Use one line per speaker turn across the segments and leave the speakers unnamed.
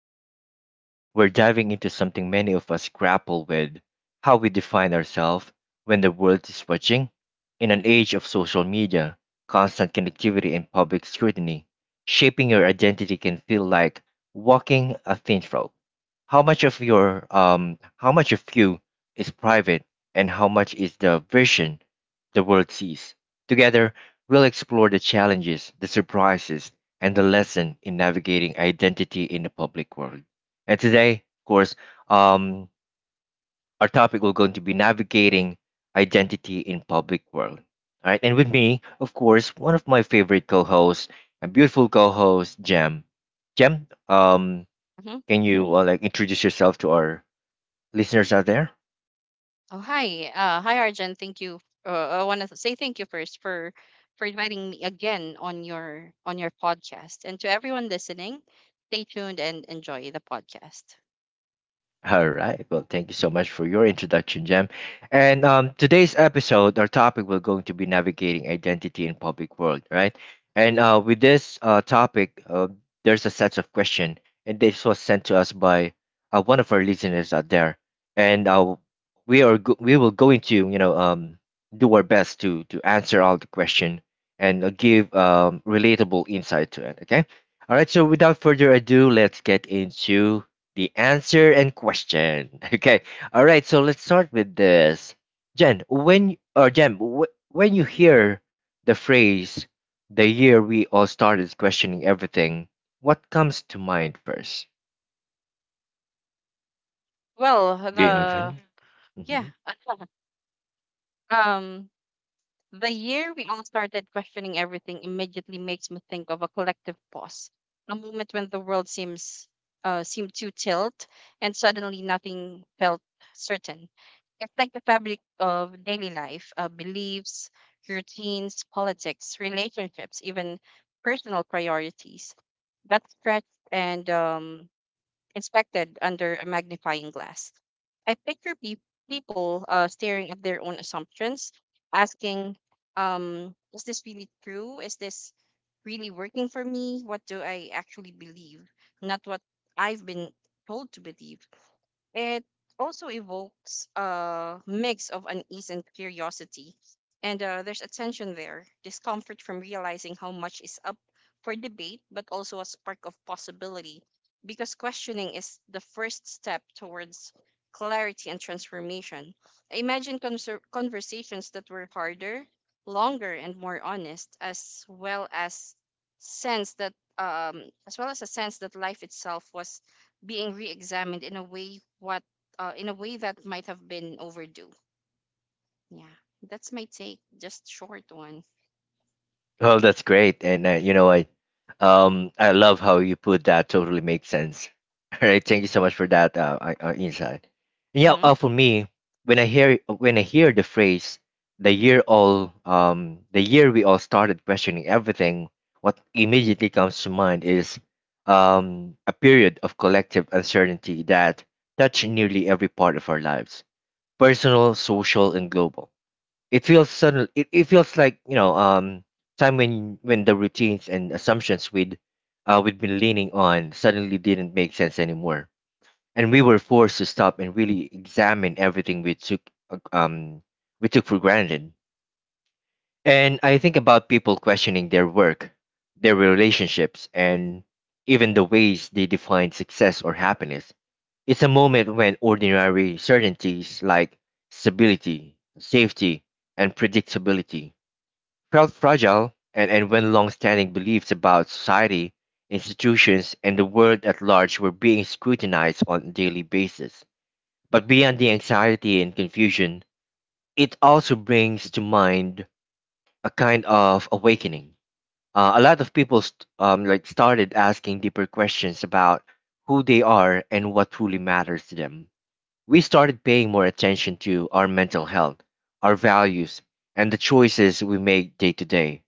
podcast. And today we're diving into something many of us grapple with, how we define ourselves when the world is watching. In an age of social media, constant connectivity, and public scrutiny, shaping your identity can feel like walking a thin rope. How much of your how much of you is private, and how much is the version the world sees? Together, we'll explore the challenges, the surprises, and the lesson in navigating identity in the public world. And today, of course, um, our topic will going to be navigating identity in public world. All right, and with me, of course, one of my favorite co-hosts, a beautiful co-host, Jem. Jem,
hmm
can you like introduce yourself to our listeners out there?
Oh, hi. Hi, Arjun. Thank you. Uh, I want to say thank you first for inviting me again on your podcast. And to everyone listening, stay tuned and enjoy the podcast.
All right. Well, thank you so much for your introduction, Jem. And today's episode, our topic will going to be navigating identity in public world, right? And with this topic, there's a set of question, and this was sent to us by one of our listeners out there. And we will going to do our best to answer all the question and give relatable insight to it. Okay. All right. So without further ado, let's get into the answer and question. Okay. All right. So let's start with this. Jen, when you hear the phrase "the year we all started questioning everything," what comes to mind first?
Well,
Do you have
the
any?
yeah, um, the year we all started questioning everything immediately makes me think of a collective pause, a moment when the world seems seemed to tilt, and suddenly nothing felt certain affect the fabric of daily life, beliefs, routines, politics, relationships, even personal priorities. That's stretched and inspected under a magnifying glass. I picture people staring at their own assumptions, asking, is this really true? Is this really working for me? What do I actually believe? Not what I've been told to believe. It also evokes a mix of unease and curiosity. And there's a tension there, discomfort from realizing how much is up for debate, but also a spark of possibility because questioning is the first step towards clarity and transformation. I imagine conversations that were harder, longer, and more honest, as well as sense that a sense that life itself was being re-examined in a way that might have been overdue. Yeah, that's my take. Just short one.
Oh, that's great. And you know, I love how you put that. Totally makes sense. All right, thank you so much for that insight. And yeah,
hmm
for me, when I hear the phrase " the year we all started questioning everything," what immediately comes to mind is a period of collective uncertainty that touched nearly every part of our lives, personal, social, and global. It feels sudden. It feels like time when the routines and assumptions we'd been leaning on suddenly didn't make sense anymore, and we were forced to stop and really examine everything uh, um we took for granted. And I think about people questioning their work, their relationships, and even the ways they define success or happiness. It's a moment when ordinary certainties like stability, safety, and predictability felt fragile, and when long-standing beliefs about society, institutions, and the world at large were being scrutinized on a daily basis. But beyond the anxiety and confusion, it also brings to mind a kind of awakening. A lot of people like started asking deeper questions about who they are and what truly matters to them. We started paying more attention to our mental health, our values, and the choices we make day to day.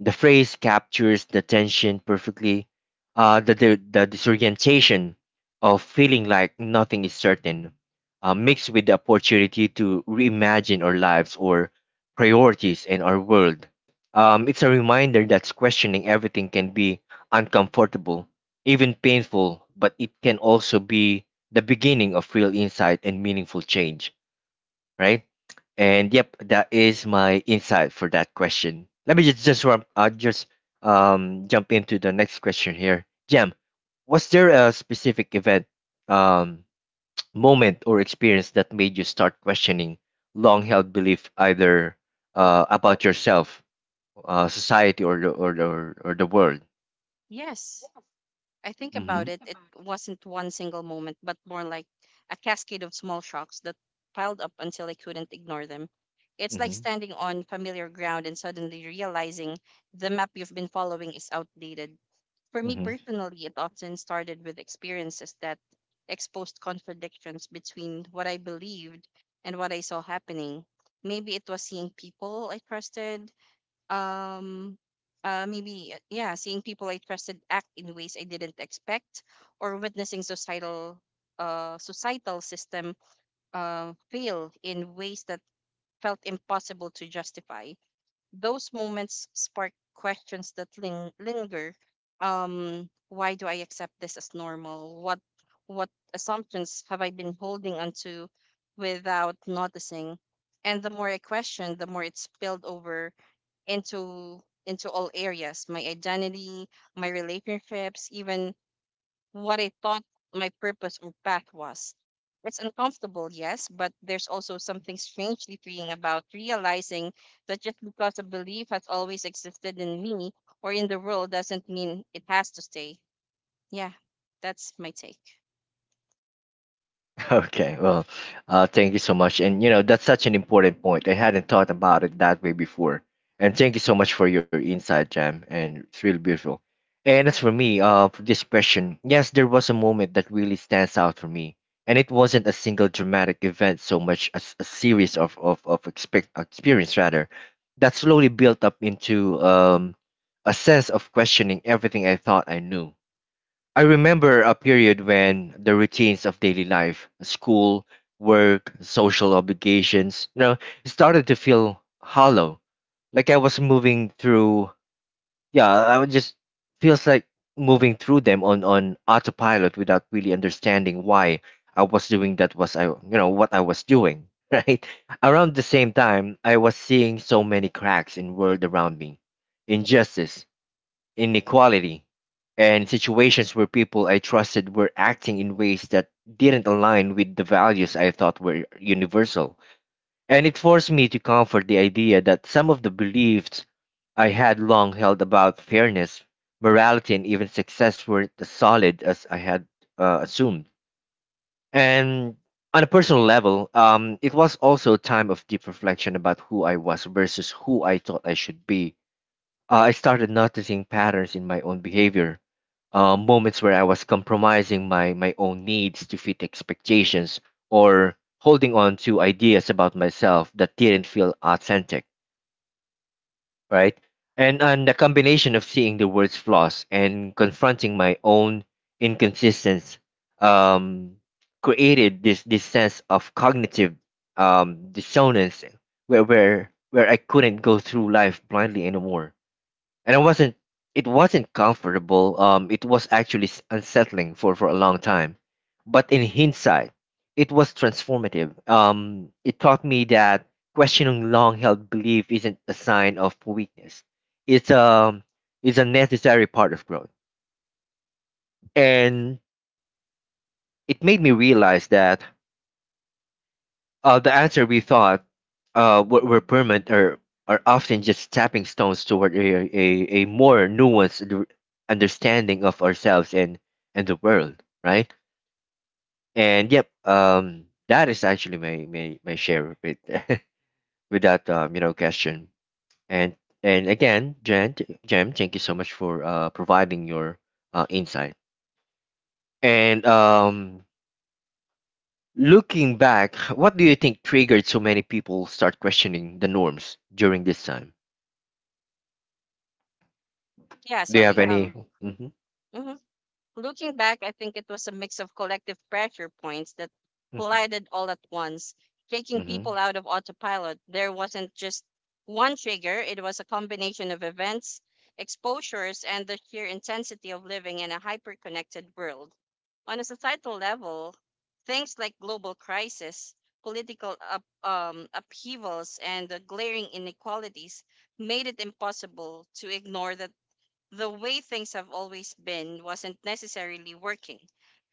The phrase captures the tension perfectly, the disorientation of feeling like nothing is certain, mixed with the opportunity to reimagine our lives or priorities in our world. It's a reminder that questioning everything can be uncomfortable, even painful, but it can also be the beginning of real insight and meaningful change, right? And yep, that is my insight for that question. Let me just jump into the next question here. Jam, was there a specific event, um, moment or experience that made you start questioning long-held belief either
Well,
about yourself, society, or the world?
yes, I think
mm
about it. It wasn't one single moment, but more like a cascade of small shocks that piled up until I couldn't ignore them. It's like
Mhm.
standing on familiar ground and suddenly realizing the map you've been following is outdated. For me
Mm-hmm.
personally, it often started with experiences that exposed contradictions between what I believed and what I saw happening. Maybe it was seeing people I trusted. Um, yeah, seeing people I trusted act in ways I didn't expect, or witnessing societal system fail in ways that felt impossible to justify. Those moments spark questions that linger. Why do I accept this as normal? What assumptions have I been holding onto without noticing? And the more I question, the more it spilled over into all areas, my identity, my relationships, even what I thought my purpose or path was. It's uncomfortable, yes, but there's also something strangely freeing about realizing that just because a belief has always existed in me or in the world doesn't mean it has to stay. Yeah, that's my take.
Okay, well, thank you so much. And you know, that's such an important point. I hadn't thought about it that way before. And thank you so much for your insight, Jam. And it's really beautiful. And as for me, for this question, yes, there was a moment that really stands out for me. And it wasn't a single dramatic event so much as a series of experience, rather, that slowly built up into a sense of questioning everything I thought I knew. I remember a period when the routines of daily life, school, work, social obligations, you know, started to feel hollow. Like I was moving through, yeah, I would just feels like moving through them on autopilot without really understanding why I was doing that was I, you know, what I was doing, right? Around the same time, I was seeing so many cracks in world around me. Injustice, inequality, and situations where people I trusted were acting in ways that didn't align with the values I thought were universal. And it forced me to comfort the idea that some of the beliefs I had long held about fairness, morality, and even success weren't as solid as I had assumed. And on a personal level, it was also a time of deep reflection about who I was versus who I thought I should be. I started noticing patterns in my own behavior, moments where I was compromising my own needs to fit expectations or holding on to ideas about myself that didn't feel authentic, right? And the combination of seeing the world's flaws and confronting my own inconsistencies um, created this sense of cognitive dissonance where I couldn't go through life blindly anymore, and it wasn't, it wasn't comfortable. It was actually unsettling for a long time, but in hindsight it was transformative. It taught me that questioning long held belief isn't a sign of weakness. it's a. it's a necessary part of growth, and it made me realize that the answer we thought were permanent are often just stepping stones toward a more nuanced understanding of ourselves and the world, right? And yep, that is actually my share with, with that you know question. And and again, Jem, thank you so much for providing your insight. And looking back, what do you think triggered so many people start questioning the norms during this time?
Yeah,
Do you have
sorry.
any? Exactly.
Mm-hmm. Looking back, I think it was a mix of collective pressure points that
hmm
collided all at once, taking people
hmm
out of autopilot. There wasn't just one trigger, it was a combination of events, exposures, and the sheer intensity of living in a hyper connected world. On a societal level, things like global crisis, upheavals, and the glaring inequalities made it impossible to ignore that the way things have always been wasn't necessarily working.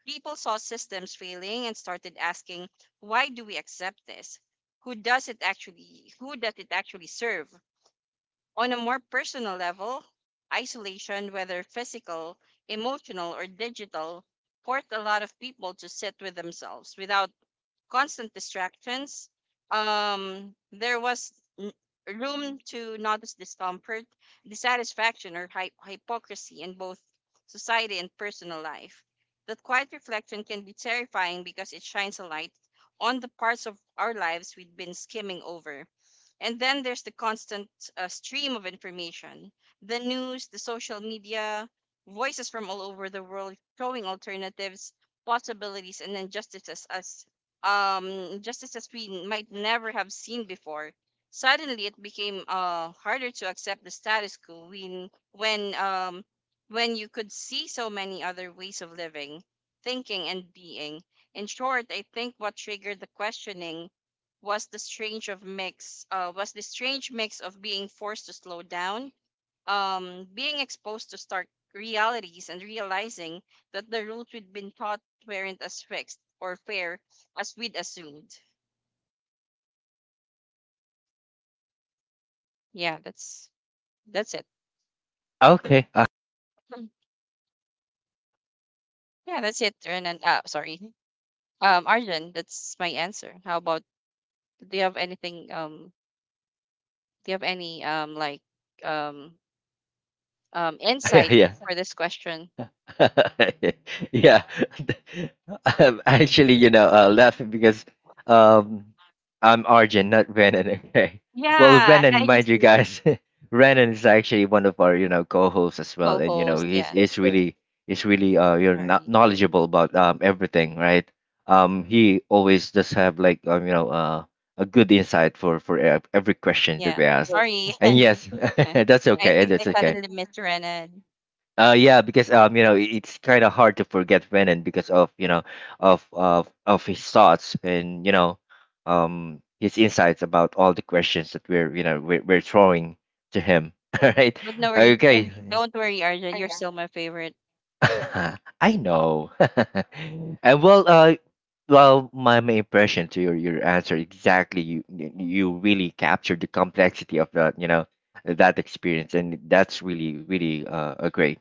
People saw systems failing and started asking, why do we accept this? Who does it actually serve? On a more personal level, isolation, whether physical, emotional, or digital, forced a lot of people to sit with themselves without constant distractions. There was n- room to notice discomfort, dissatisfaction, or hypocrisy in both society and personal life. That quiet reflection can be terrifying because it shines a light on the parts of our lives we've been skimming over. And then there's the constant stream of information, the news, the social media, voices from all over the world showing alternatives, possibilities, and injustices as justices we might never have seen before. Suddenly, it became harder to accept the status quo when you could see so many other ways of living, thinking, and being. In short, I think what triggered the questioning was the strange mix of being forced to slow down, being exposed to stark realities and realizing that the rules we'd been taught weren't as fixed or fair as we'd assumed. Yeah, that's that's it.
Okay.
Mm. Yeah, that's it. Arjun, that's my answer. How about, do you have anything? Do you have any um
Yeah,
insight
yeah.
for this question?
Yeah. I'm actually, you know, laughing because um I'm Arjun, not Brennan. Okay, well,
Yeah,
Brennan
I
mind
just
you
missed
guys. Brennan is actually one of our, you know, co-hosts as well, and you know
co-host.
he's
Yeah,
he's really, he's really you're not
sorry.
knowledgeable about everything, right? He always does have like, you know, a good insight for every question that
Yeah,
we ask.
sorry.
And yes, that's
I
okay,
think I
that's okay.
suddenly missed Renan.
Yeah, because you know, it's kind of hard to forget Renan because of, you know, of his thoughts and, you know, his insights about all the questions that we're, you know, we're throwing to him. All right,
But no worry.
okay.
Don't worry, Arjun. You're still my favorite.
Mhm. I know. And well, well, my impression to your answer exactly. You really captured the complexity of that, you know, that experience, and that's really really a great,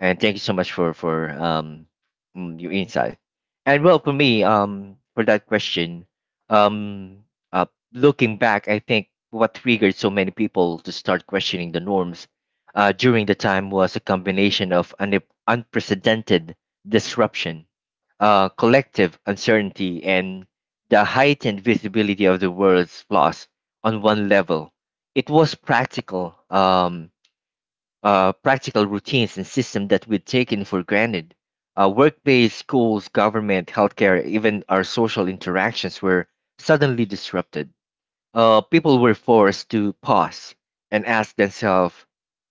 and thank you so much for your insight. And well for me, for that question, um uh looking back, I think what triggered so many people to start questioning the norms during the time was a combination of an unprecedented disruption, collective uncertainty, and the heightened visibility of the world's flaws. On one level, it was practical. Practical routines and systems that we'd taken for granted. Work-based schools, government, healthcare, even our social interactions were suddenly disrupted. People were forced to pause and ask themselves,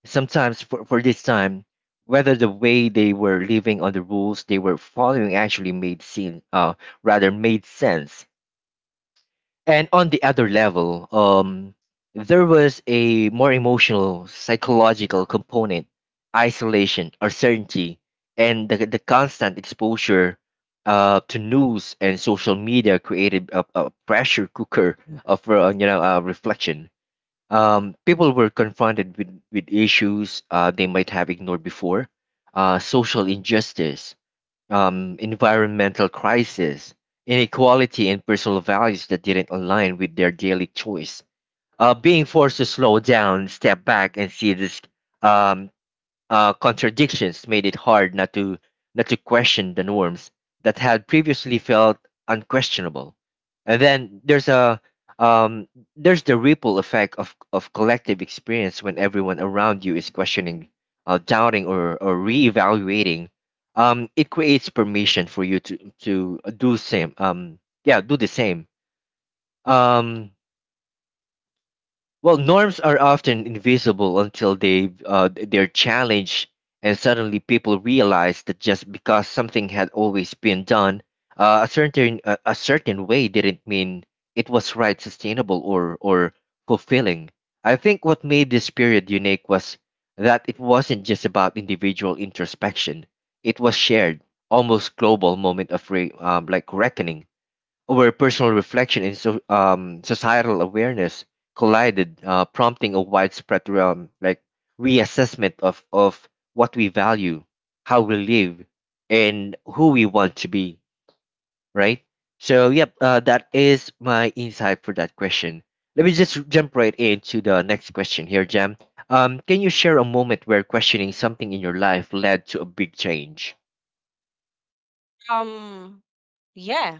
sometimes for this time, whether the way they were living or the rules they were following actually made sense, rather made sense. And on the other level, there was a more emotional, psychological component, isolation, uncertainty, and the constant exposure to news and social media created a pressure cooker of reflection. People were confronted with issues they might have ignored before, social injustice, environmental crisis, inequality, and personal values that didn't align with their daily choice. Being forced to slow down, step back, and see this um, contradictions made it hard not to question the norms that had previously felt unquestionable. And then there's a um, there's the ripple effect of collective experience when everyone around you is questioning, doubting, or reevaluating. It creates permission for you to do same. Yeah, do the same. Um, well, norms are often invisible until they're challenged, and suddenly people realize that just because something had always been done a certain way didn't mean it was right, sustainable, or fulfilling. I think what made this period unique was that it wasn't just about individual introspection; it was shared, almost global moment of reckoning where personal reflection and societal awareness collided, prompting a widespread reassessment of what we value, how we live, and who we want to be, right? So, that is my insight for that question. Let me just jump right into the next question here, Jam. Can you share a moment where questioning something in your life led to a big change?
Um, yeah.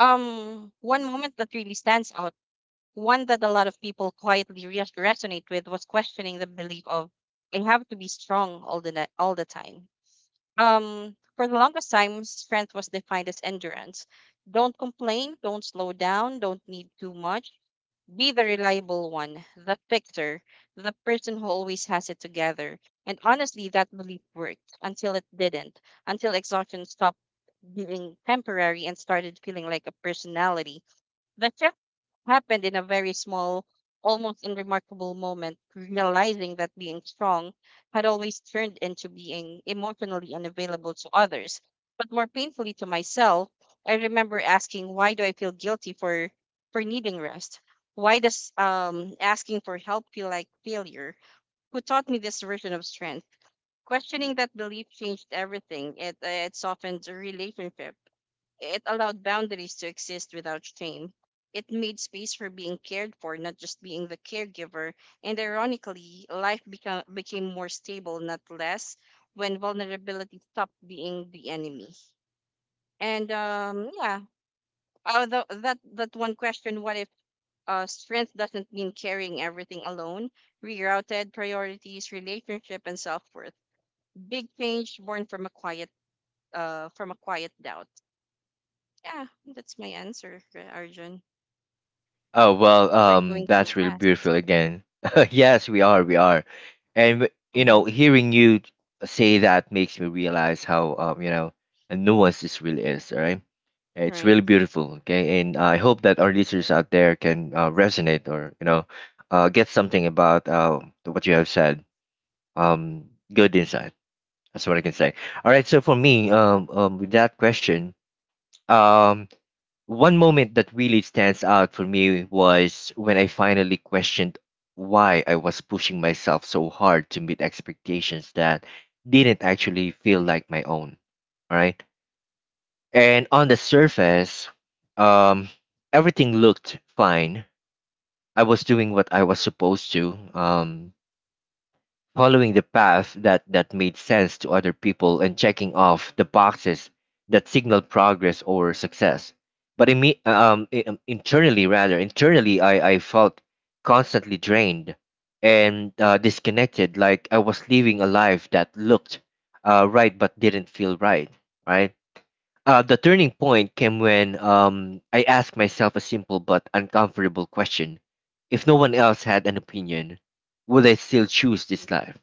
One moment that really stands out, one that a lot of people quietly resonate with, was questioning the belief of I have to be strong all the time. For the longest time, strength was defined as endurance. Don't complain. Don't slow down. Don't need too much. Be the reliable one, the fixer, the person who always has it together. And honestly, that belief worked until it didn't, until exhaustion stopped being temporary and started feeling like a personality. The shift happened in a very small, almost unremarkable moment, realizing that being strong had always turned into being emotionally unavailable to others. But more painfully to myself, I remember asking, why do I feel guilty for needing rest? Why does asking for help feel like failure? Who taught me this version of strength? Questioning that belief changed everything. It softened relationships, it allowed boundaries to exist without shame. It made space for being cared for, not just being the caregiver. And ironically, became more stable, not less, when vulnerability stopped being the enemy. And yeah, although that one question, what if strength doesn't mean carrying everything alone, rerouted priorities, relationship, and self worth. Big change born from a quiet doubt. Yeah, that's my answer, Arjun.
Oh well,
Think we're
um,
going too
that's really
fast.
beautiful again. Yes, we are, and you
Mm-hmm.
know, hearing you say that makes me realize how you know, a nuance this really is. All right, it's
Right.
really beautiful. Okay, and I hope that our listeners out there can resonate or you know, get something about what you have said. Good insight. That's what I can say. All right, so for me, with that question, um. One moment that really stands out for me was when I finally questioned why I was pushing myself so hard to meet expectations that didn't actually feel like my own. All right. And on the surface, um, everything looked fine. I was doing what I was supposed to. Following the path that made sense to other people, and checking off the boxes that signal progress or success. But in me, internally, I felt constantly drained and disconnected, like I was living a life that looked right but didn't feel right, right? The turning point came when I asked myself a simple but uncomfortable question. If no one else had an opinion, would I still choose this life?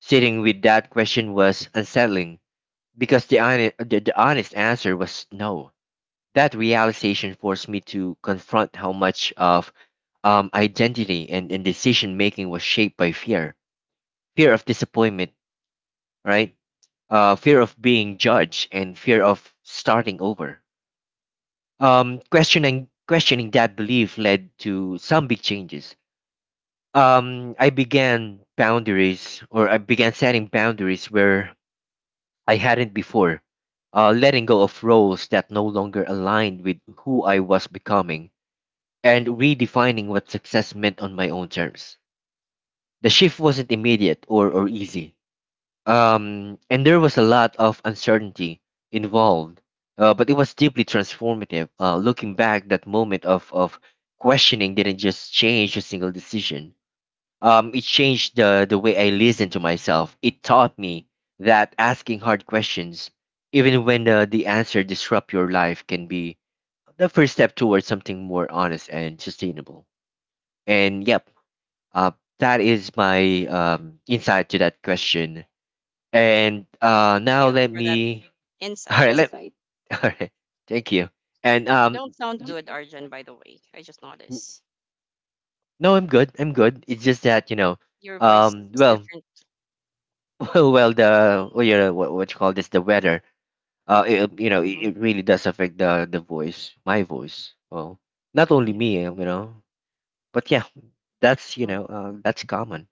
Sitting with that question was unsettling because the honest answer was no. That realization forced me to confront how much of identity and decision making was shaped by fear, fear of disappointment, right? Fear of being judged, and fear of starting over. Questioning that belief led to some big changes. I began boundaries, or I began setting boundaries where I hadn't before, letting go of roles that no longer aligned with who I was becoming, and redefining what success meant on my own terms. The shift wasn't immediate or easy, and there was a lot of uncertainty involved, but it was deeply transformative. Looking back, that moment of questioning didn't just change a single decision, it changed the way I listened to myself. It taught me that asking hard questions, even when the answer disrupt your life, can be the first step towards something more honest and sustainable. And yep, uh, that is my insight to that question. And
Thank
now
you
let
for that
me. All
insight.
right, let. All right, thank you. And
You don't sound
j-
good, Arjun, by the way. I just
n-
noticed.
no, I'm good. I'm good. It's just that you know,
Your voice is
well,
different.
well, you know what you call this, the weather it, you know
Mm-hmm.
it, it really does affect the voice, my voice, well, not only
Yeah.
me, you know, but yeah, that's you
hmm
know that's common.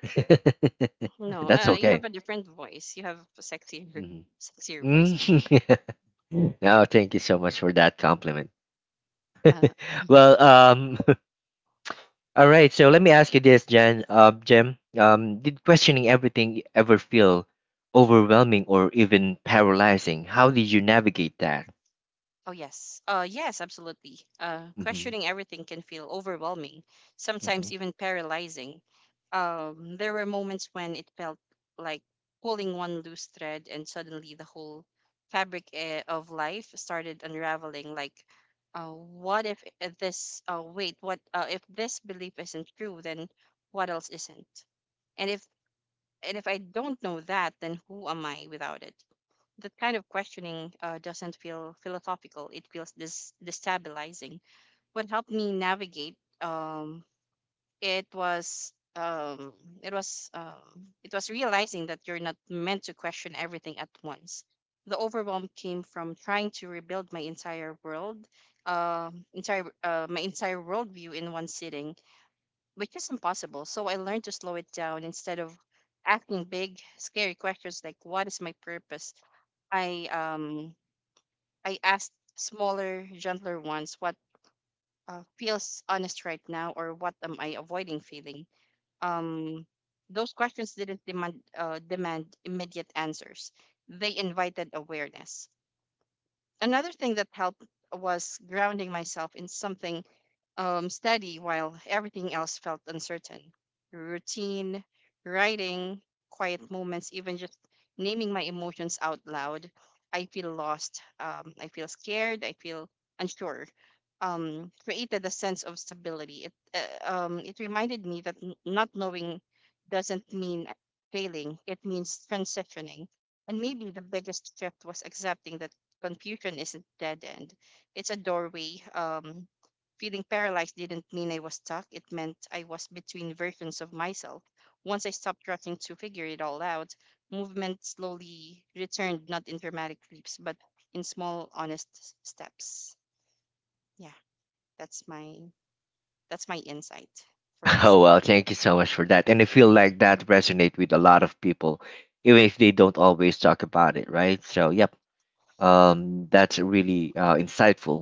No,
That's
you have
okay.
a different voice. You have a sexier,
Mhm.
sexier voice.
Mm, no, thank you so much for that compliment.
Uh,
Well all right, so let me ask you this, jen Jem, did questioning everything ever feel overwhelming or even paralyzing? How did you navigate that?
Oh, yes. Yes, absolutely.
Mm-hmm.
Questioning everything can feel overwhelming, sometimes
Mhm.
even paralyzing. There were moments when it felt like pulling one loose thread, and suddenly the whole fabric of life started unraveling. Like, what if I- this? Wait, what? If this belief isn't true, then what else isn't? And if and if I don't know that, then who am I without it? That kind of questioning doesn't feel philosophical. It feels destabilizing. What helped me navigate, it was um, it was realizing that you're not meant to question everything at once. The overwhelm came from trying to rebuild my entire world, entire my entire worldview in one sitting, which is impossible. So I learned to slow it down. Instead of asking big, scary questions like "What is my purpose?" I um I asked smaller, gentler ones, what feels honest right now, or what am I avoiding feeling. Um, those questions didn't demand immediate answers. They invited awareness. Another thing that helped was grounding myself in something steady while everything else felt uncertain. Routine, writing, quiet moments, even just naming my emotions out loud. I feel lost. I feel scared. I feel unsure. Created a sense of stability. It reminded me that not knowing doesn't mean failing. It means transitioning. And maybe the biggest shift was accepting that confusion isn't dead end. It's a doorway. Feeling paralyzed didn't mean I was stuck. It meant I was between versions of myself. Once I stopped rushing to figure it all out, movement slowly returned, not in dramatic leaps, but in small, honest steps. Yeah, that's my that's my insight for this.
Oh, well, thank you so much for that. And I feel like
hmm
that resonate with a lot of people, even if they don't always talk about it, right? So, yep, that's really insightful.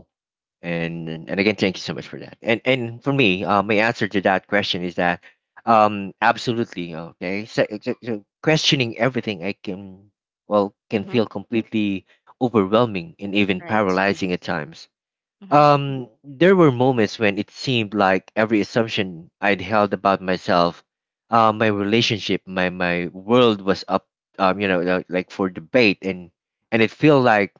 And again, thank you so much for that. And for me, my answer to that question is that, absolutely, okay. So, questioning everything, I can feel completely overwhelming and even
Right.
paralyzing at times.
hmm
There were moments when it seemed like every assumption I'd held about myself, my relationship, my world was up, you know, like for debate, and it felt like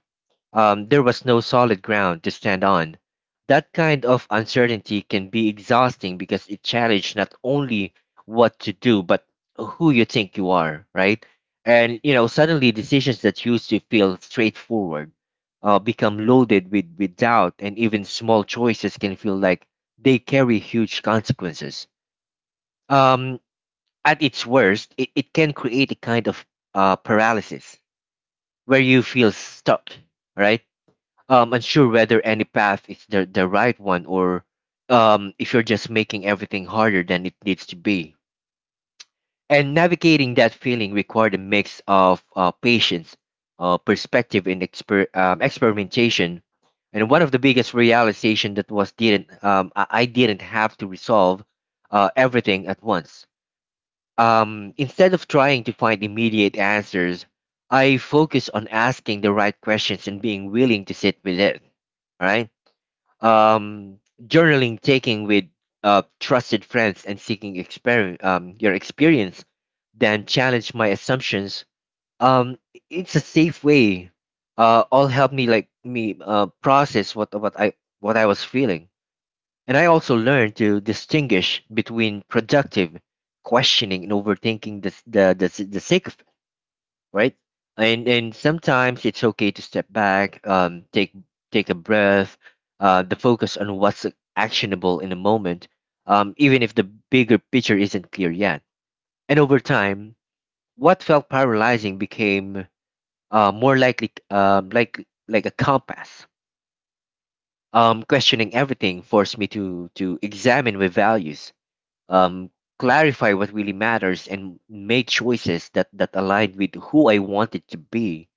there was no solid ground to stand on. That kind of uncertainty can be exhausting because it challenges not only what to do, but who you think you are, right? And you know, suddenly decisions that used to feel straightforward become loaded with doubt, and even small choices can feel like they carry huge consequences. Um, at its worst, it can create a kind of paralysis where you feel stuck, right? Unsure whether any path is the right one, or if you're just making everything harder than it needs to be. And navigating that feeling required a mix of patience, perspective, and experimentation. And one of the biggest realization that was didn't I didn't have to resolve everything at once. Instead of trying to find immediate answers, I focus on asking the right questions and being willing to sit with it. Right, um, journaling, taking with trusted friends, and seeking your experience, then challenge my assumptions. Um, it's a safe way. All help me process what I was feeling, and I also learned to distinguish between productive questioning and overthinking the sake of, right? And sometimes it's okay to step back, take a breath, the focus on what's actionable in the moment, even if the bigger picture isn't clear yet. And over time, what felt paralyzing became more likely, like a compass. Questioning everything forced me to examine my values, um, clarify what really matters, and make choices that align with who I wanted to be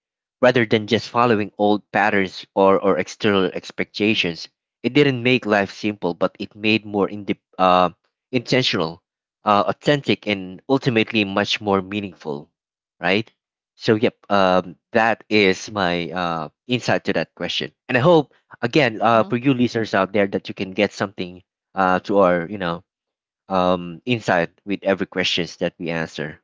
rather than just following old patterns, or external expectations. It didn't make life simple, but it made more inde intentional, authentic, and ultimately much more meaningful, right? So, yep, that is my insight to that question. And I hope, again,
hmm
for you listeners out there, that you can get something to our, you know, insight with every questions that we answer.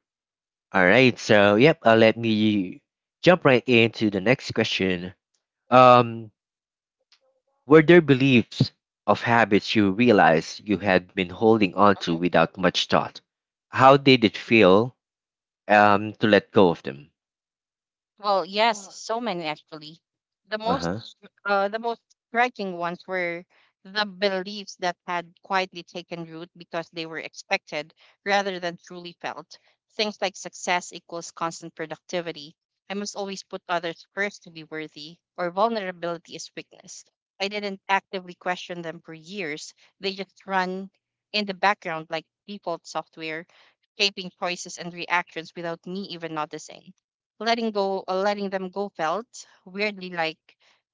All right, so yep, let me jump right into the next question. Um, were there beliefs of habits you realized you had been holding on to without much thought? How did it feel to let go of them?
Well, yes, so many actually. The
Uh huh.
most the most striking ones were the beliefs that had quietly taken root because they were expected rather than truly felt. Things like success equals constant productivity. I must always put others first to be worthy, or vulnerability is weakness. I didn't actively question them for years. They just run in the background like default software, shaping choices and reactions without me even noticing. Letting go uh, letting them go felt weirdly like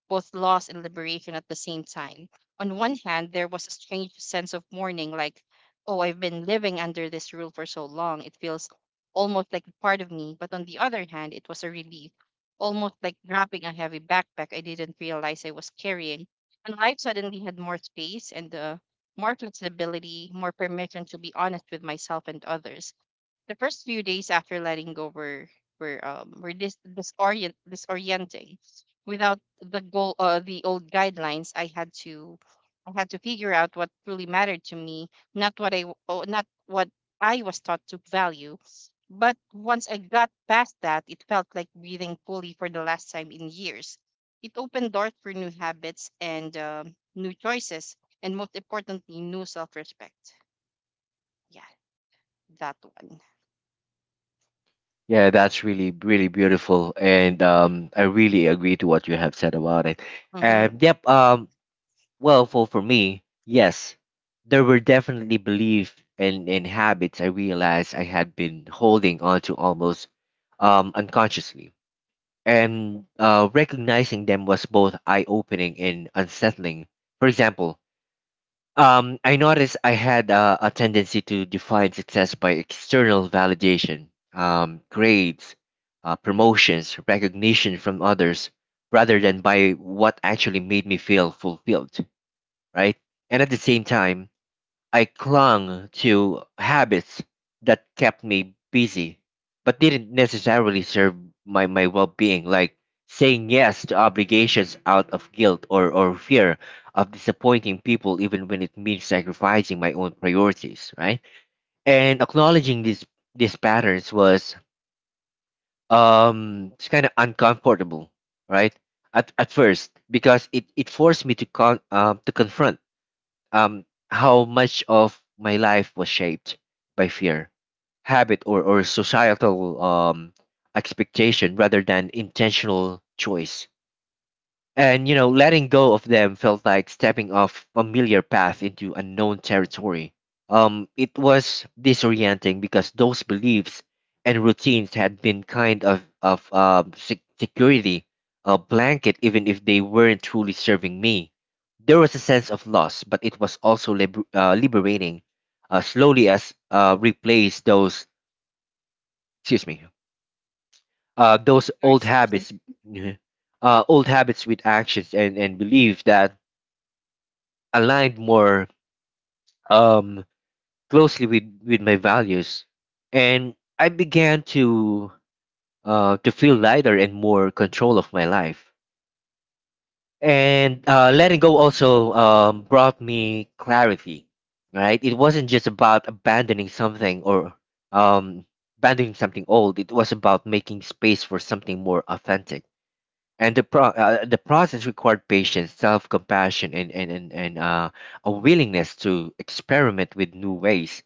both loss and liberation at the same time. On one hand, there was a strange sense of mourning, like, oh, I've been living under this rule for so long it feels almost like a part of me. But on the other hand, it was a relief, almost like dropping a heavy backpack I didn't realize I was carrying, and life suddenly had more space, and more flexibility, more permission to be honest with myself and others. The first few days after letting go were disorienting. Without the goal the old guidelines, I had to figure out what truly mattered to me, not what I w- oh, not what I was taught to value. But once I got past that, it felt like breathing fully for the last time in years. It opened doors for new habits and new choices, and most importantly, new self-respect. Yeah, that one.
Yeah, that's really, really beautiful, and I really agree to what you have said about it.
Mm-hmm.
And yep, well, for me, yes, there were definitely beliefs and habits I realized I had been holding on to almost unconsciously. And recognizing them was both eye opening and unsettling. For example, I noticed I had a tendency to define success by external validation, grades, promotions, recognition from others, rather than by what actually made me feel fulfilled, right? And at the same time, I clung to habits that kept me busy, but didn't necessarily serve my well being, like saying yes to obligations out of guilt, or fear of disappointing people, even when it means sacrificing my own priorities, right? And acknowledging these patterns was it's kind of uncomfortable, right? At first, because it forced me to to confront um, how much of my life was shaped by fear, habit, or societal expectation rather than intentional choice. And you know, letting go of them felt like stepping off familiar path into unknown territory. It was disorienting because those beliefs and routines had been kind of security, a blanket, even if they weren't truly serving me. There was a sense of loss, but it was also liberating. Slowly, as replace those, excuse me, those
Your
old
excuse?
habits, old habits with actions and belief that aligned more um, closely with my values, and I began to feel lighter and more control of my life. And letting go also brought me clarity. Right, it wasn't just about abandoning something, or um, abandoning something old. It was about making space for something more authentic, and the process required patience, self compassion, and a willingness to experiment with new ways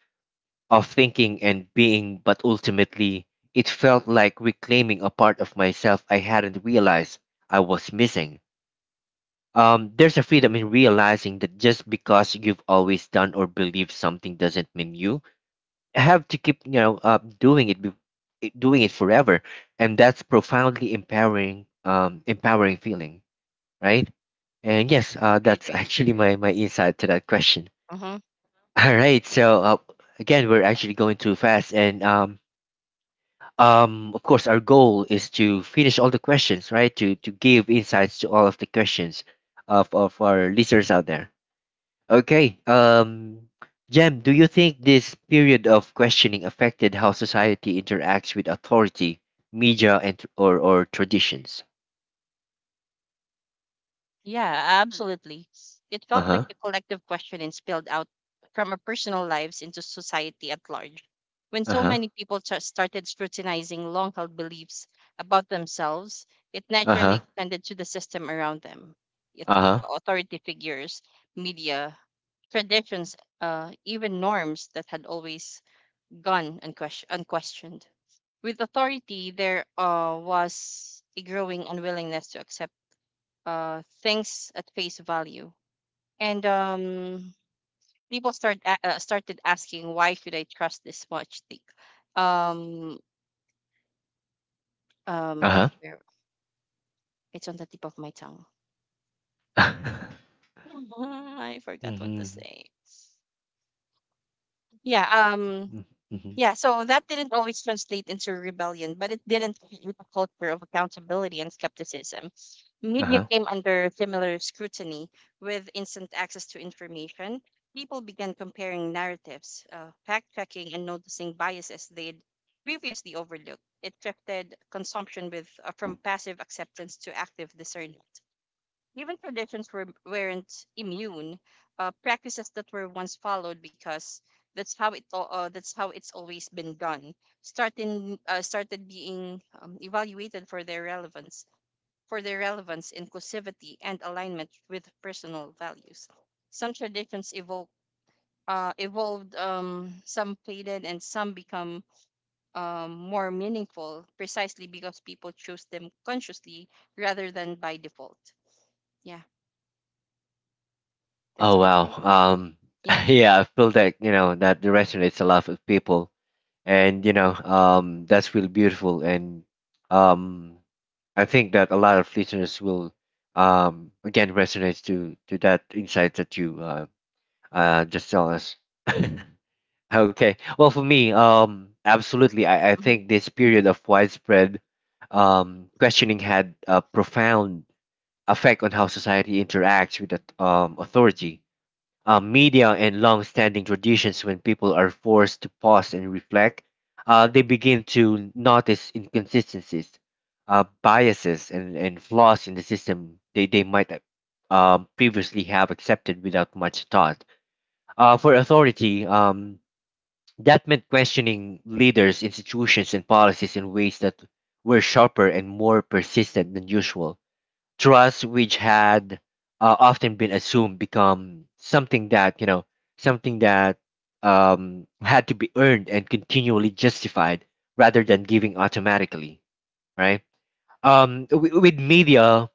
of thinking and being. But ultimately it felt like reclaiming a part of myself I hadn't realized I was missing. There's a freedom in realizing that just because you've always done or believed something doesn't mean you have to keep doing it forever, and that's profoundly empowering. Feeling, right? And yes,
Right,
that's
right.
actually my insight to that question.
Uh-huh.
All right, so again, we're actually going too fast, and of course, our goal is to finish all the questions, right? To give insights to all of the questions of our listeners out there. Okay, Jem, do you think this period of questioning affected how society interacts with authority, media, and or traditions?
Yeah, absolutely. It
Uh
felt like
huh.
a collective question and spilled out from our personal lives into society at large. When
Uh
so
huh.
many people started scrutinizing long held beliefs about themselves, it
Uh
naturally
huh.
extended to the system around them. It,
Uh huh.
authority figures, media, traditions, even norms that had always gone unquestioned. With authority, there was a growing unwillingness to accept things at face value, and people started asking, "Why should I trust this much?" Thing? Um, um,
Uh
where- it's on the tip of my tongue.
huh.
I forgot what to
Mhm,
say. Yeah. Um,
mm, mhm.
yeah, so that didn't always translate into rebellion, but it didn't create a culture of accountability and skepticism. Media
Uh-huh.
came under similar scrutiny with instant access to information. People began comparing narratives, fact checking, and noticing biases they'd previously overlooked. It shifted consumption with from passive acceptance to active discernment. Even traditions were, weren't immune. Practices that were once followed because that's how it's always been done. Starting Started being evaluated for their relevance, inclusivity, and alignment with personal values. Some traditions evolved. Some faded and some become more meaningful precisely because people choose them consciously rather than by default. Yeah,
Oh
that's my
wow.
take. Yeah.
Yeah, I feel that, you know, that resonates a lot with people. And, you know, that's really beautiful, and um I think that a lot of listeners will again resonate to that insight that you just tell us. Okay. Well, for me, absolutely, I
Hmm.
think this period of widespread questioning had a profound effect on how society interacts with that authority, media, and long standing traditions when people are forced to pause and reflect. They begin to notice inconsistencies, biases, and flaws in the system they might previously have accepted without much thought. For authority, that meant questioning leaders, institutions, and policies in ways that were sharper and more persistent than usual. Trust, which had often been assumed, become something that something that had to be earned and continually justified rather than giving automatically, right? With media,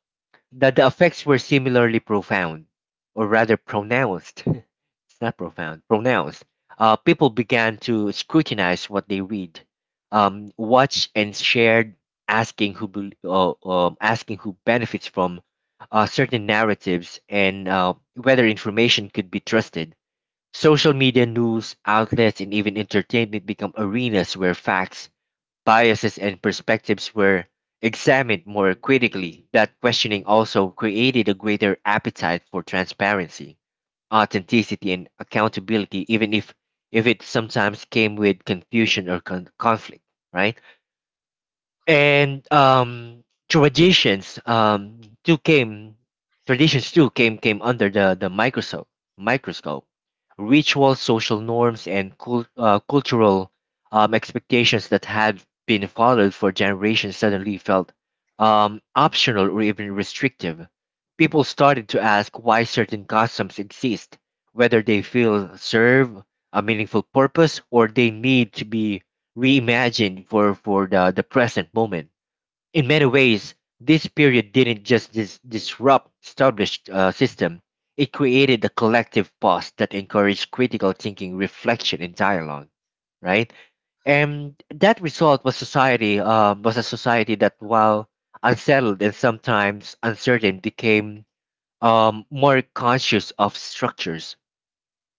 that the effects were similarly profound, or rather pronounced. It's not profound, pronounced. People began to scrutinize what they read, watch, and shared, asking who benefits from certain narratives and whether information could be trusted. Social media, news outlets, and even entertainment become arenas where facts, biases, and perspectives were examined more critically. That questioning also created a greater appetite for transparency, authenticity, and accountability, even if it sometimes came with confusion or conflict, right? And um, traditions um too came traditions too came under the microscope. Rituals, social norms, and cultural expectations that had been followed for generations suddenly felt optional or even restrictive. People started to ask why certain customs exist, whether they feel serve a meaningful purpose, or they need to be reimagined for the present moment. In many ways, this period didn't just disrupt established system; it created a collective pause that encouraged critical thinking, reflection, and dialogue. Right, and that result was a society that, while unsettled and sometimes uncertain, became more conscious of structures,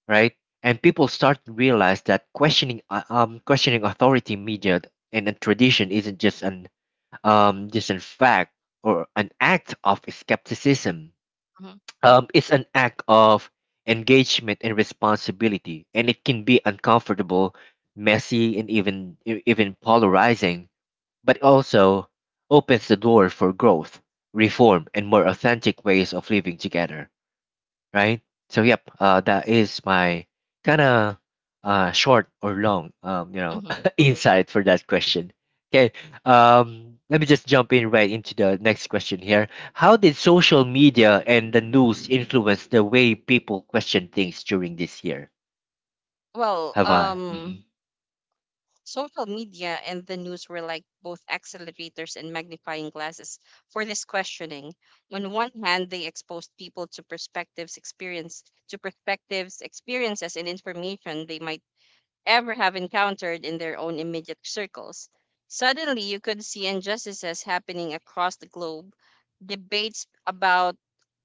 right? And people start to realize that questioning authority, media, and a tradition isn't just an just a fact or an act of skepticism.
Hmm.
It's an act of engagement and responsibility, and it can be uncomfortable, messy, and even polarizing, but also opens the door for growth, reform, and more authentic ways of living together, right? So yep, that is my kind of short or long, you know,
Hmm.
insight for that question. Okay, let me just jump in right into the next question here. How did social media and the news influence the way people question things during this year?
Well,
Have I? Mm-hmm.
social media and the news were like both accelerators and magnifying glasses for this questioning. On one hand, they exposed people to perspectives, experience to perspectives, experiences, and information they might ever have encountered in their own immediate circles. Suddenly, you could see injustices happening across the globe, debates about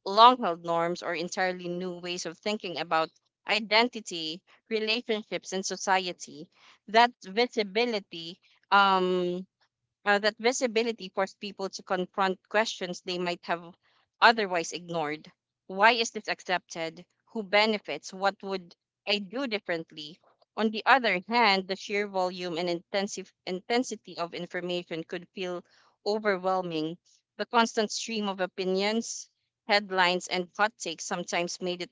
long held norms or entirely new ways of thinking about identity, relationships, and society. That visibility um, forced people to confront questions they might have otherwise ignored. Why is this accepted? Who benefits? What would I do differently? On the other hand, the sheer volume and intensive intensity of information could feel overwhelming. The constant stream of opinions, headlines, and hot takes sometimes made it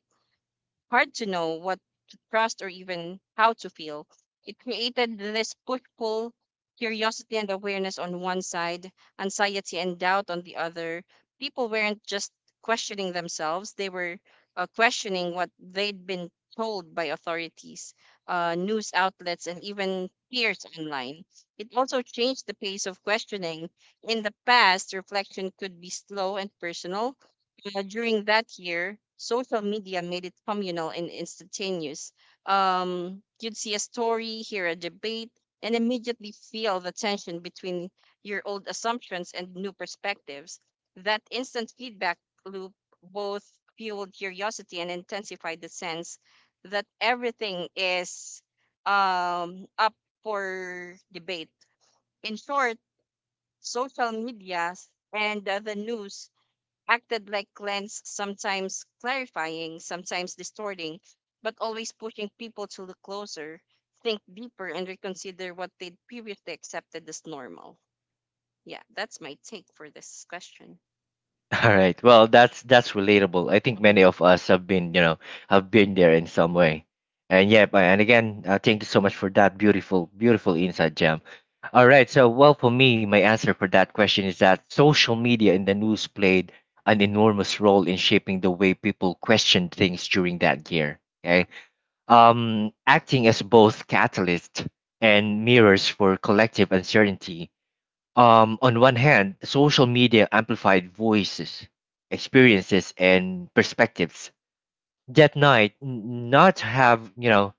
hard to know what to trust or even how to feel. It created this push pull, curiosity and awareness on one side, anxiety and doubt on the other. People weren't just questioning themselves, they were questioning what they'd been told by authorities, news outlets, and even peers online. It also changed the pace of questioning. In the past, reflection could be slow and personal. During that year, social media made it communal and instantaneous. You'd see a story, hear a debate, and immediately feel the tension between your old assumptions and new perspectives. That instant feedback loop both fueled curiosity and intensified the sense that everything is up for debate. In short, social media and the news acted like lens, sometimes clarifying, sometimes distorting, but always pushing people to look closer, think deeper, and reconsider what they'd previously accepted as normal. Yeah, that's my take for this question.
All right. Well, that's relatable. I think
Hmm.
many of us have been, you know, have been there in some way. And yeah, but- and again, thank you so much for that beautiful insight, Jam. All right. So, well, for me, my answer for that question is that social media and the news played an enormous role in shaping the way people questioned things during that year. Okay. Acting as both catalyst and mirrors for collective uncertainty. Um, on one hand, social media amplified voices, experiences, and perspectives that not have, you know,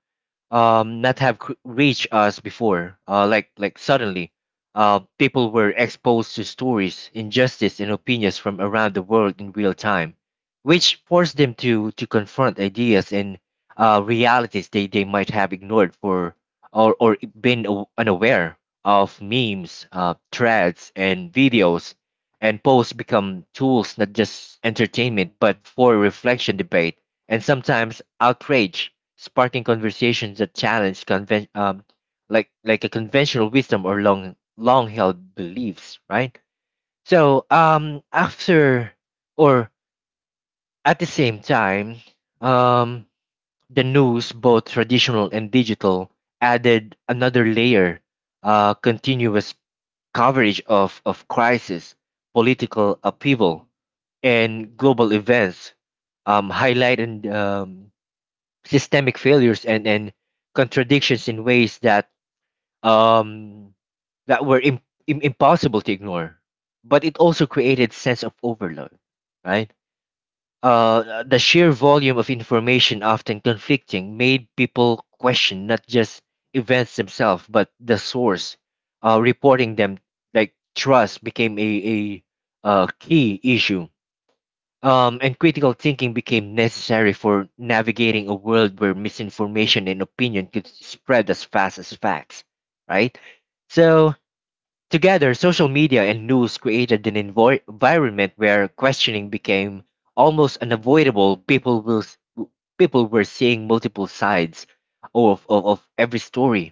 not have c- reached us before, suddenly uh, people were exposed to stories, injustice, and opinions from around the world in real time, which forced them to confront ideas and uh, realities they might have ignored for or been unaware of. Memes, uh, threads, and videos, and posts become tools not just entertainment, but for reflection, debate, and sometimes outrage, sparking conversations that challenge conven- like a conventional wisdom or long held beliefs, right? So after or at the same time, um, the news, both traditional and digital, added another layer, uh, continuous coverage of crisis, political upheaval, and global events, um, highlighting um, systemic failures and contradictions in ways that um, that were im- impossible to ignore. But it also created sense of overload, right? The sheer volume of information, often conflicting, made people question not just events themselves but the source reporting them. Like trust became a key issue and critical thinking became necessary for navigating a world where misinformation and opinion could spread as fast as facts, right? So, together, social media and news created an environment where questioning became almost unavoidable. People will s- w- People were seeing multiple sides of every story,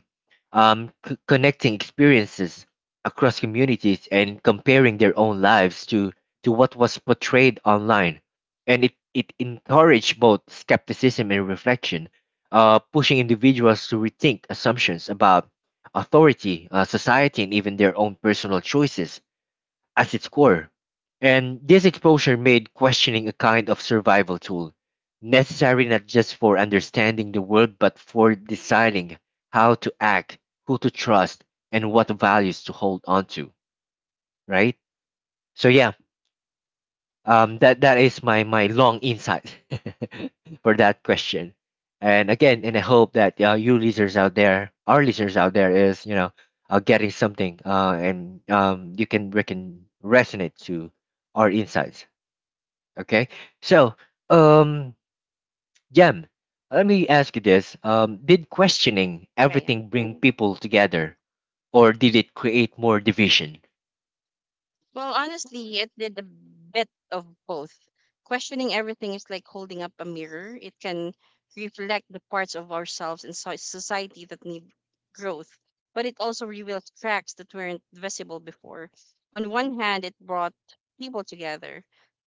connecting experiences across communities, and comparing their own lives to what was portrayed online, and it encouraged both skepticism and reflection, pushing individuals to rethink assumptions about authority, society, and even their own personal choices as its core. And this exposure made questioning a kind of survival tool, necessary not just for understanding the world, but for deciding how to act, who to trust, and what values to hold on to, right? So, yeah, that is my my long insight for that question. And again, and I hope that you listeners out there, our listeners out there, is you know getting something, and you can we can resonate to our insights. Okay, so um, Jem, let me ask you this: did questioning
Yeah, yeah.
everything bring people together, or did it create more division?
Well, honestly, it did a bit of both. Questioning everything is like holding up a mirror. It can reflect the parts of ourselves and society that need growth, but it also reveals cracks that weren't visible before. On one hand, it brought people together,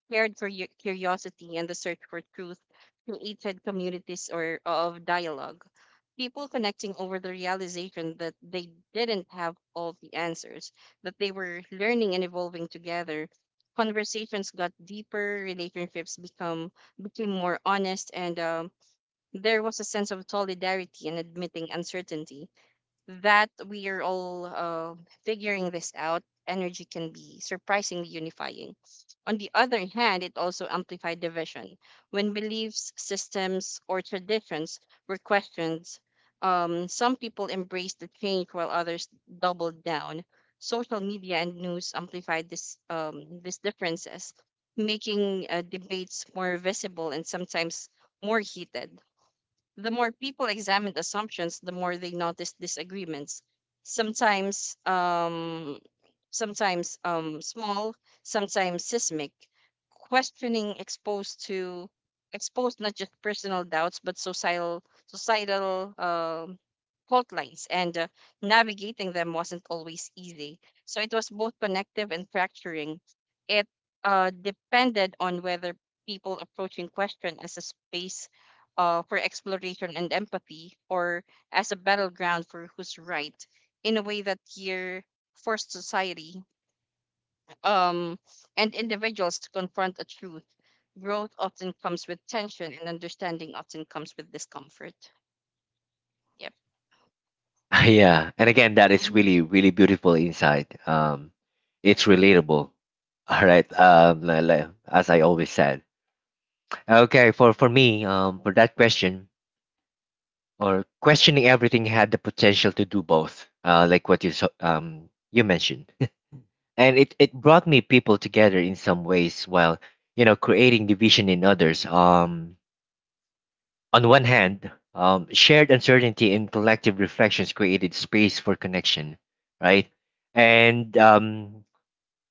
cared for curiosity and the search for truth, created communities or of dialogue. People connecting over the realization that they didn't have all the answers, that they were learning and evolving together. Conversations got deeper, relationships become became more honest, and there was a sense of solidarity in admitting uncertainty, that we are all figuring this out. Energy can be surprisingly unifying. On the other hand, it also amplified division. When beliefs, systems, or traditions were questioned, some people embraced the change while others doubled down. Social media and news amplified these differences, making debates more visible and sometimes more heated. The more people examined assumptions, the more they noticed disagreements. Sometimes, sometimes small, sometimes seismic. Questioning exposed not just personal doubts but societal fault lines, and navigating them wasn't always easy. So it was both connective and fracturing. It depended on whether people approaching question as a space for exploration and empathy, or as a battleground for who's right. In a way, that year forced society um, and individuals to confront a truth. Growth often comes with tension, and understanding often comes with discomfort. Yep.
Yeah, and again that is
Mm-hmm.
really beautiful insight, um, it's relatable. All right, um, as I always said, okay, for me um, for that question, or questioning everything had the potential to do both, you mentioned, and it brought me people together in some ways while you know creating division in others. Um, on one hand, shared uncertainty and collective reflections created space for connection, right? And um,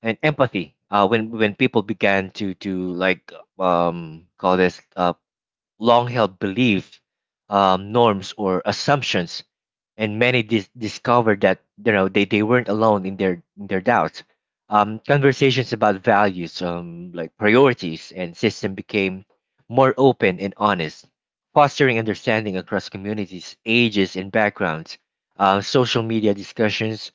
and empathy. When people began to like call this long held beliefs, norms, or assumptions, and many discovered that you know they weren't alone in their doubts. Conversations about values, like priorities and system, became more open and honest, fostering understanding across communities, ages, and backgrounds. Social media discussions,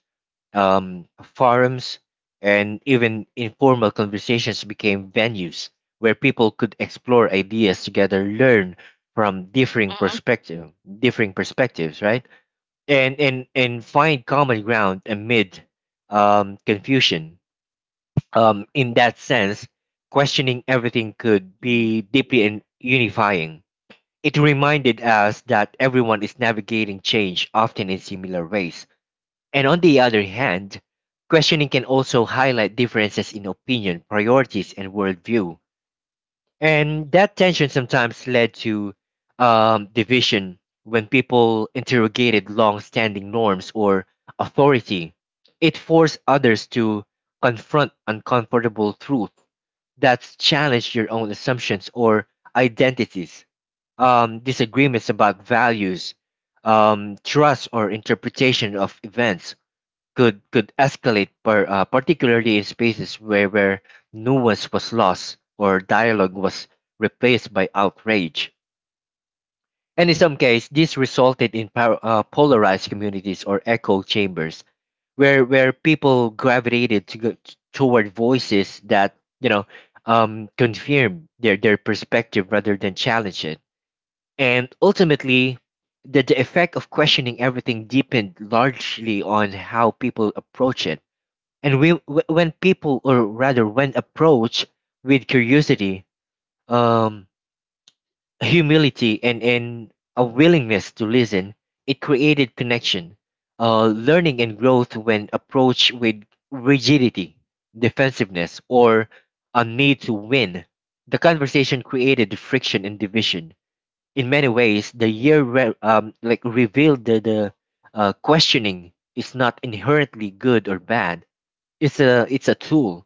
forums, and even informal conversations became venues where people could explore ideas together, learn from
Mm-hmm.
differing perspectives, right? And find common ground amid confusion. In that sense, questioning everything could
Mm-hmm.
be deeply and unifying. It reminded us that everyone is navigating change, often in similar ways. And on the other hand, questioning can also highlight differences in opinion, priorities, and worldview. And that tension sometimes led to division when people interrogated long standing norms or authority. It forced others to confront uncomfortable truths that challenge your own assumptions or identities. Disagreements about values, trust, or interpretation of events could escalate, particularly in spaces where nuance was lost or dialogue was replaced by outrage. And in some cases, this resulted in polarized communities or echo chambers, where people gravitated toward voices that you know confirm their perspective rather than challenge it. And ultimately, the effect of questioning everything depend largely on how people approach it. And we, wh- when people, or rather when approached with curiosity, um, humility, and a willingness to listen, it created connection, learning, and growth. When approached with rigidity, defensiveness, or a need to win, the conversation created friction and division. In many ways, the year revealed the questioning is not inherently good or bad. It's a tool.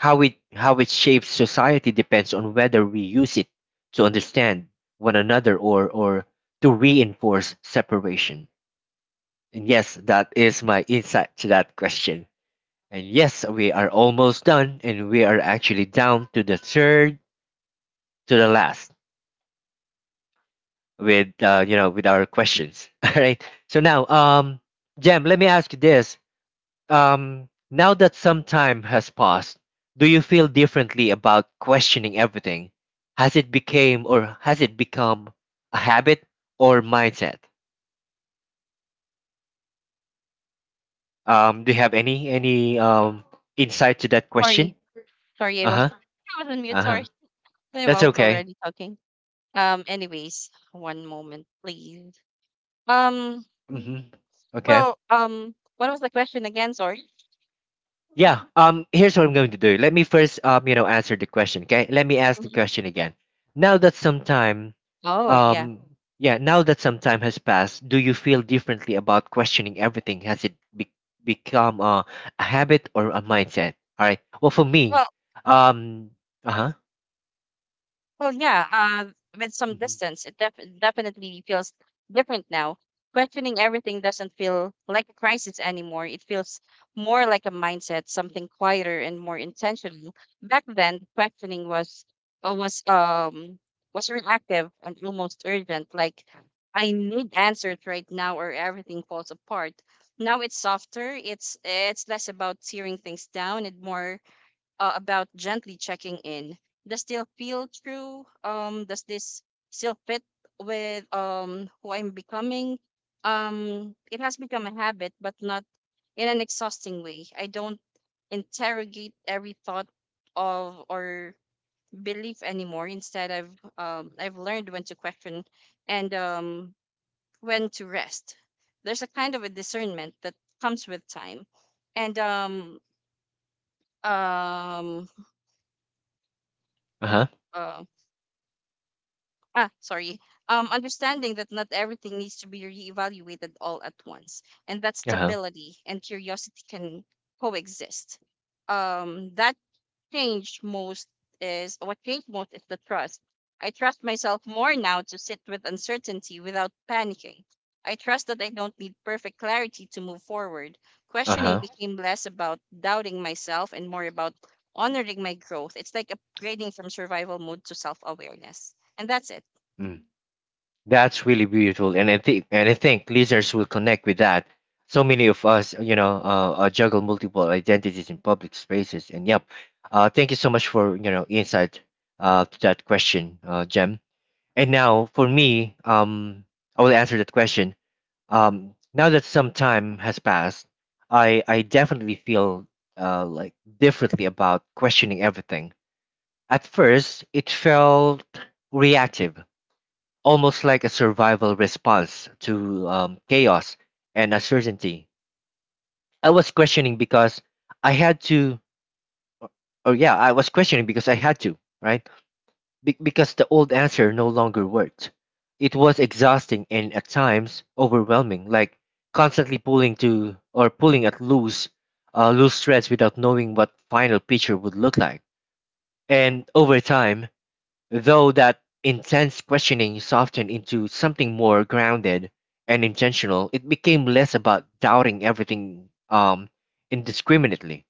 How it how it shapes society depends on whether we use it to understand one another or to reinforce separation. And yes, that is my insight to that question. And yes, we are almost done, and we are actually down to the third to the last with you know with our questions. All right. So now, Jem, let me ask you this. Now that some time has passed, do you feel differently about questioning everything? Has it became or has it become a habit or mindset? Do you have any insight to that question?
Sorry, sorry, I
Uh
was
huh.
I was on mute.
Uh huh.
Sorry, no, I
That's
was
okay.
already talking. Um, anyways, one moment, please. Um.
Mm-hmm. Okay.
Well. What was the question again? Sorry.
Yeah. Here's what I'm going to do. Let me first answer the question. Okay. Let me ask the
Mhm.
question again. Now that some time
Oh, yeah.
Um, yeah, now that some time has passed, do you feel differently about questioning everything? Become a habit or a mindset? All right. Well, for me,
Well,
um, uh huh,
well, yeah. With some distance, it definitely feels different now. Questioning everything doesn't feel like a crisis anymore. It feels more like a mindset, something quieter and more intentional. Back then, questioning was uh, was um was reactive and almost urgent. Like I need answers right now, or everything falls apart. Now it's softer. It's less about tearing things down and more about gently checking in. Does still feel true? Does this still fit with who I'm becoming? It has become a habit, but not in an exhausting way. I don't interrogate every thought of or belief anymore. Instead, I've learned when to question and when to rest. There's a kind of a discernment that comes with time, and um
uh huh,
um ah sorry understanding that not everything needs to be reevaluated all at once, and that
uh huh,
stability and curiosity can coexist. Um that changed most is what changed most is the trust. I trust myself more now to sit with uncertainty without panicking. I trust that I don't need perfect clarity to move forward.
uh
Questioning
huh.
became less about doubting myself and more about honoring my growth. It's like upgrading from survival mode to self-awareness, and that's it.
Mm. That's really beautiful, and I think listeners will connect with that. So many of us, you know, juggle multiple identities in public spaces, and yep. Thank you so much for insight, to that question, Jem. And now for me, I will answer that question. Now that some time has passed, I definitely feel, like differently about questioning everything. At first, it felt reactive, almost like a survival response to chaos and uncertainty. I was questioning because I had to, or yeah, I was questioning because I had to, right? Because the old answer no longer worked. It was exhausting and at times overwhelming, like constantly pulling to or pulling at loose, loose threads without knowing what final picture would look like. And over time, though that intense questioning softened into something more grounded and intentional, it became less about doubting everything, indiscriminately,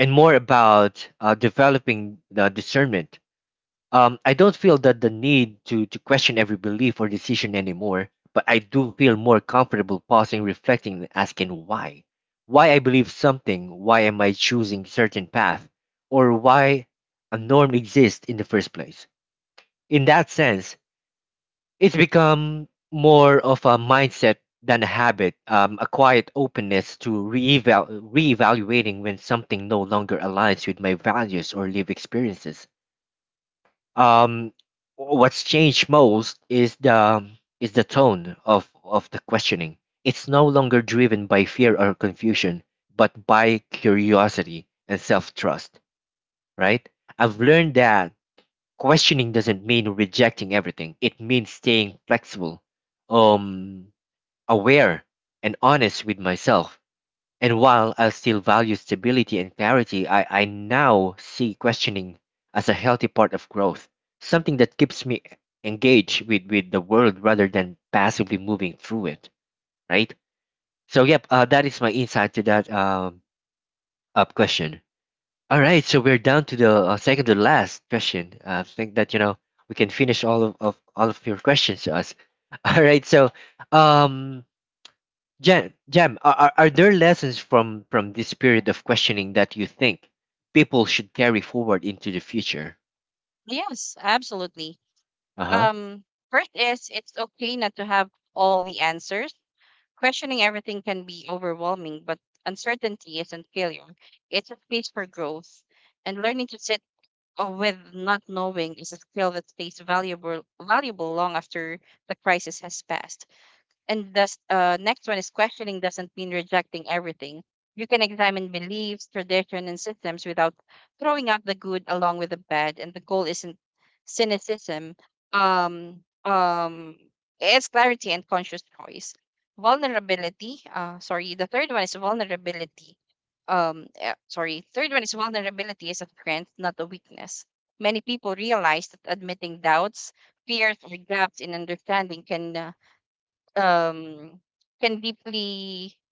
and more about developing the discernment. I don't feel that the need to question every belief or decision anymore, but I do feel more comfortable pausing, reflecting, and asking why. Why I believe something, why am I choosing certain path, or why a norm exists in the first place. In that sense, it's become more of a mindset than a habit, a quiet openness to reevaluating when something no longer aligns with my values or live experiences. Um, what's changed most is the tone of the questioning. It's no longer driven by fear or confusion, but by curiosity and self trust. Right? I've learned that questioning doesn't mean rejecting everything. It means staying flexible, um, aware, and honest with myself. And while I still value stability and clarity, I now see questioning as a healthy part of growth, something that keeps me engaged with the world rather than passively moving through it, right? So, yep, that is my insight to that, up question. All right, so we're down to the, second to last question. I think that, you know, we can finish of all of your questions to us. All right, so um, Jam, are, are there lessons from this period of questioning that you think people should carry forward into the future?
Yes, absolutely.
Uh huh.
Um, first is it's okay not to have all the answers. Questioning everything can be overwhelming, but uncertainty isn't failure. It's a space for growth. And learning to sit with not knowing is a skill that stays valuable long after the crisis has passed. And the next one is questioning doesn't mean rejecting everything. You can examine beliefs, tradition, and systems without throwing out the good along with the bad. And the goal isn't cynicism. Um, um, it's clarity and conscious choice. Vulnerability. Sorry. The third one is vulnerability. Sorry. Third one is vulnerability is a strength, not a weakness. Many people realize that admitting doubts, fears, or gaps in understanding um, can deeply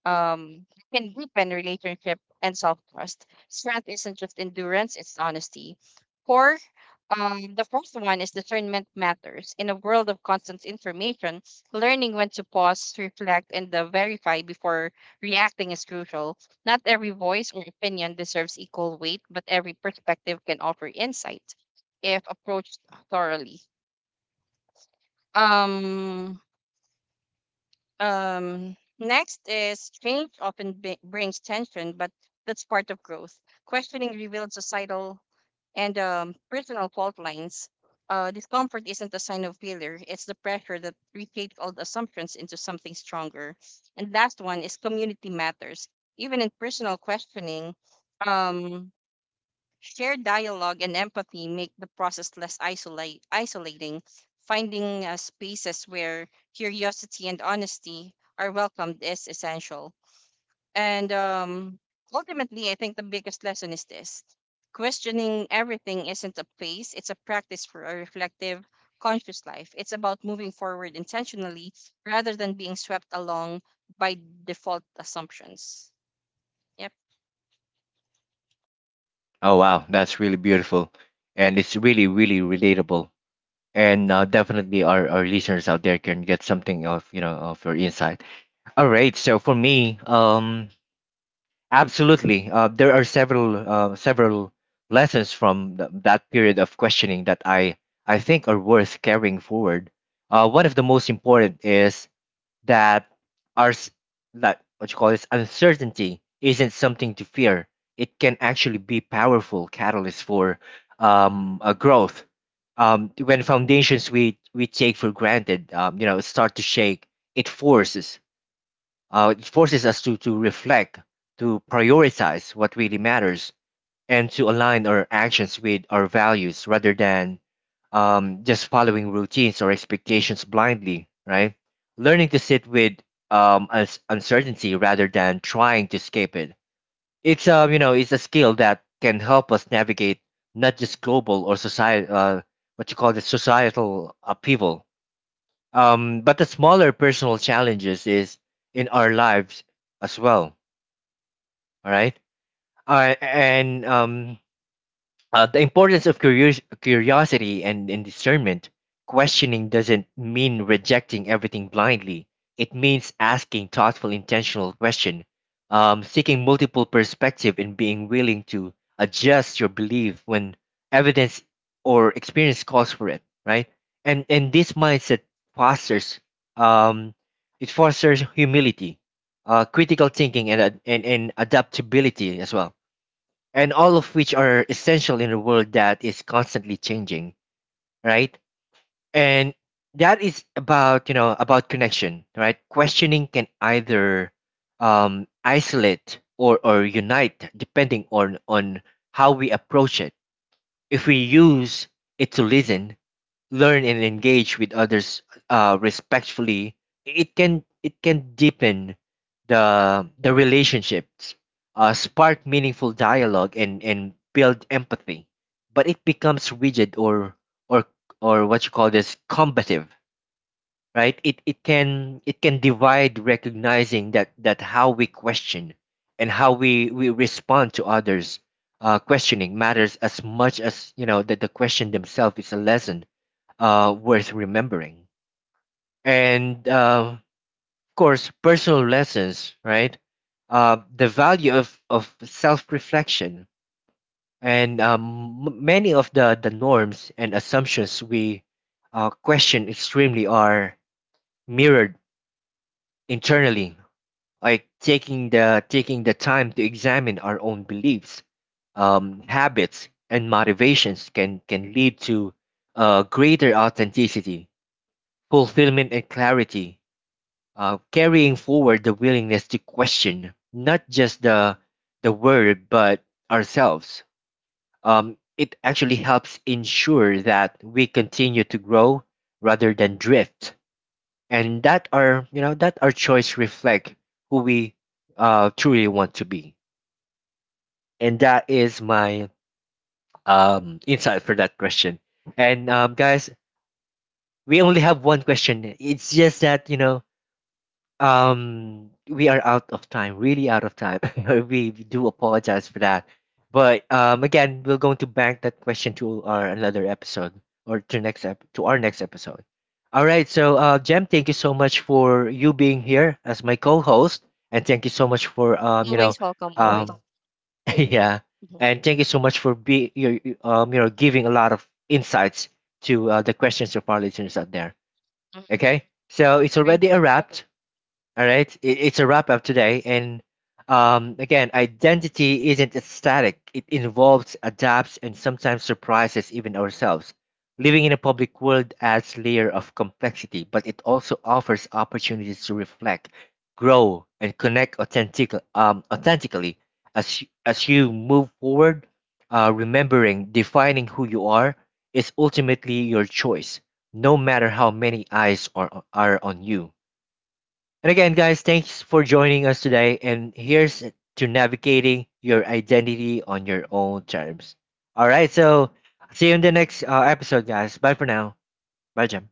can deepen relationship and self trust. Strength isn't just endurance; it's honesty. Four, the fourth one is discernment matters. In a world of constant information, learning when to pause, reflect, and verify before reacting is crucial. Not every voice or opinion deserves equal weight, but every perspective can offer insight if approached thoroughly. Um, Next is change often brings tension, but that's part of growth. Questioning reveals societal and personal fault lines. Discomfort isn't a sign of failure, it's the pressure that reshapes old assumptions into something stronger. And last one is community matters. Even in personal questioning, um, shared dialogue and empathy make the process less isolating. Finding spaces where curiosity and honesty are welcomed is essential. And ultimately, I think the biggest lesson is this: questioning everything isn't a phase, it's a practice for a reflective, conscious life. It's about moving forward intentionally rather than being swept along by default assumptions. Yep.
Oh wow, that's really beautiful, and it's really really relatable. And definitely, our listeners out there can get something of of your insight. All right, so for me, absolutely, there are several lessons from that period of questioning that I think are worth carrying forward. One of the most important is that are s- that what you call this uncertainty isn't something to fear. It can actually be powerful catalyst for, a growth. When foundations we take for granted, you know, start to shake, it forces, uh, us to reflect, to prioritize what really matters, and to align our actions with our values rather than, just following routines or expectations blindly, right? Learning to sit with, um, uncertainty rather than trying to escape it. It's, it's a skill that can help us navigate not just global or society, what you call the societal upheaval, but the smaller personal challenges is in our lives as well. All right, and the importance of curiosity and discernment. Questioning doesn't mean rejecting everything blindly. It means asking thoughtful, intentional question, seeking multiple perspective, and being willing to adjust your belief when evidence or experience calls for it. Right, and this mindset fosters, um, it fosters humility, critical thinking, and adaptability as well, and all of which are essential in a world that is constantly changing, right? And that is about about connection, right? Questioning can either, isolate or unite, depending on how we approach it. If we use it to listen, learn and engage with others, respectfully, it can, deepen the relationships, spark meaningful dialogue, and build empathy. But it becomes rigid or or what you call this combative, right? It can, divide, recognizing that how we question and how we respond to others. Questioning matters as much as that the question themselves is a lesson, worth remembering. And of course, personal lessons, right? The value of self reflection, and many of the norms and assumptions we, question extremely are mirrored internally, like taking taking the time to examine our own beliefs, habits, and motivations can lead to, greater authenticity, fulfillment, and clarity, carrying forward the willingness to question not just the world but ourselves. It actually helps ensure that we continue to grow rather than drift, and that our that our choice reflect who we, truly want to be. And that is my, insight for that question. And guys, we only have one question. It's just that you know. We are out of time, really out of time. We do apologize for that. But again, we're going to bank that question to our another episode or to to our next episode. All right, so Jem, thank you so much for you being here as my co-host, and thank you so much for you
Always
know,
welcome, always.
um, yeah,
Mhm.
and thank you so much for you know, giving a lot of insights to, the questions of our listeners out there.
Mhm.
Okay, so it's already a wrap. All right, it's a wrap up today. And again, identity isn't static, it involves, adapts, and sometimes surprises even ourselves. Living in a public world adds layer of complexity, but it also offers opportunities to reflect, grow, and connect authentically as you, move forward. Remembering defining who you are is ultimately your choice, no matter how many eyes are on you. And again, guys, thanks for joining us today. And here's to navigating your identity on your own terms. All right, so see you in the next, episode, guys. Bye for now. Bye, Jim.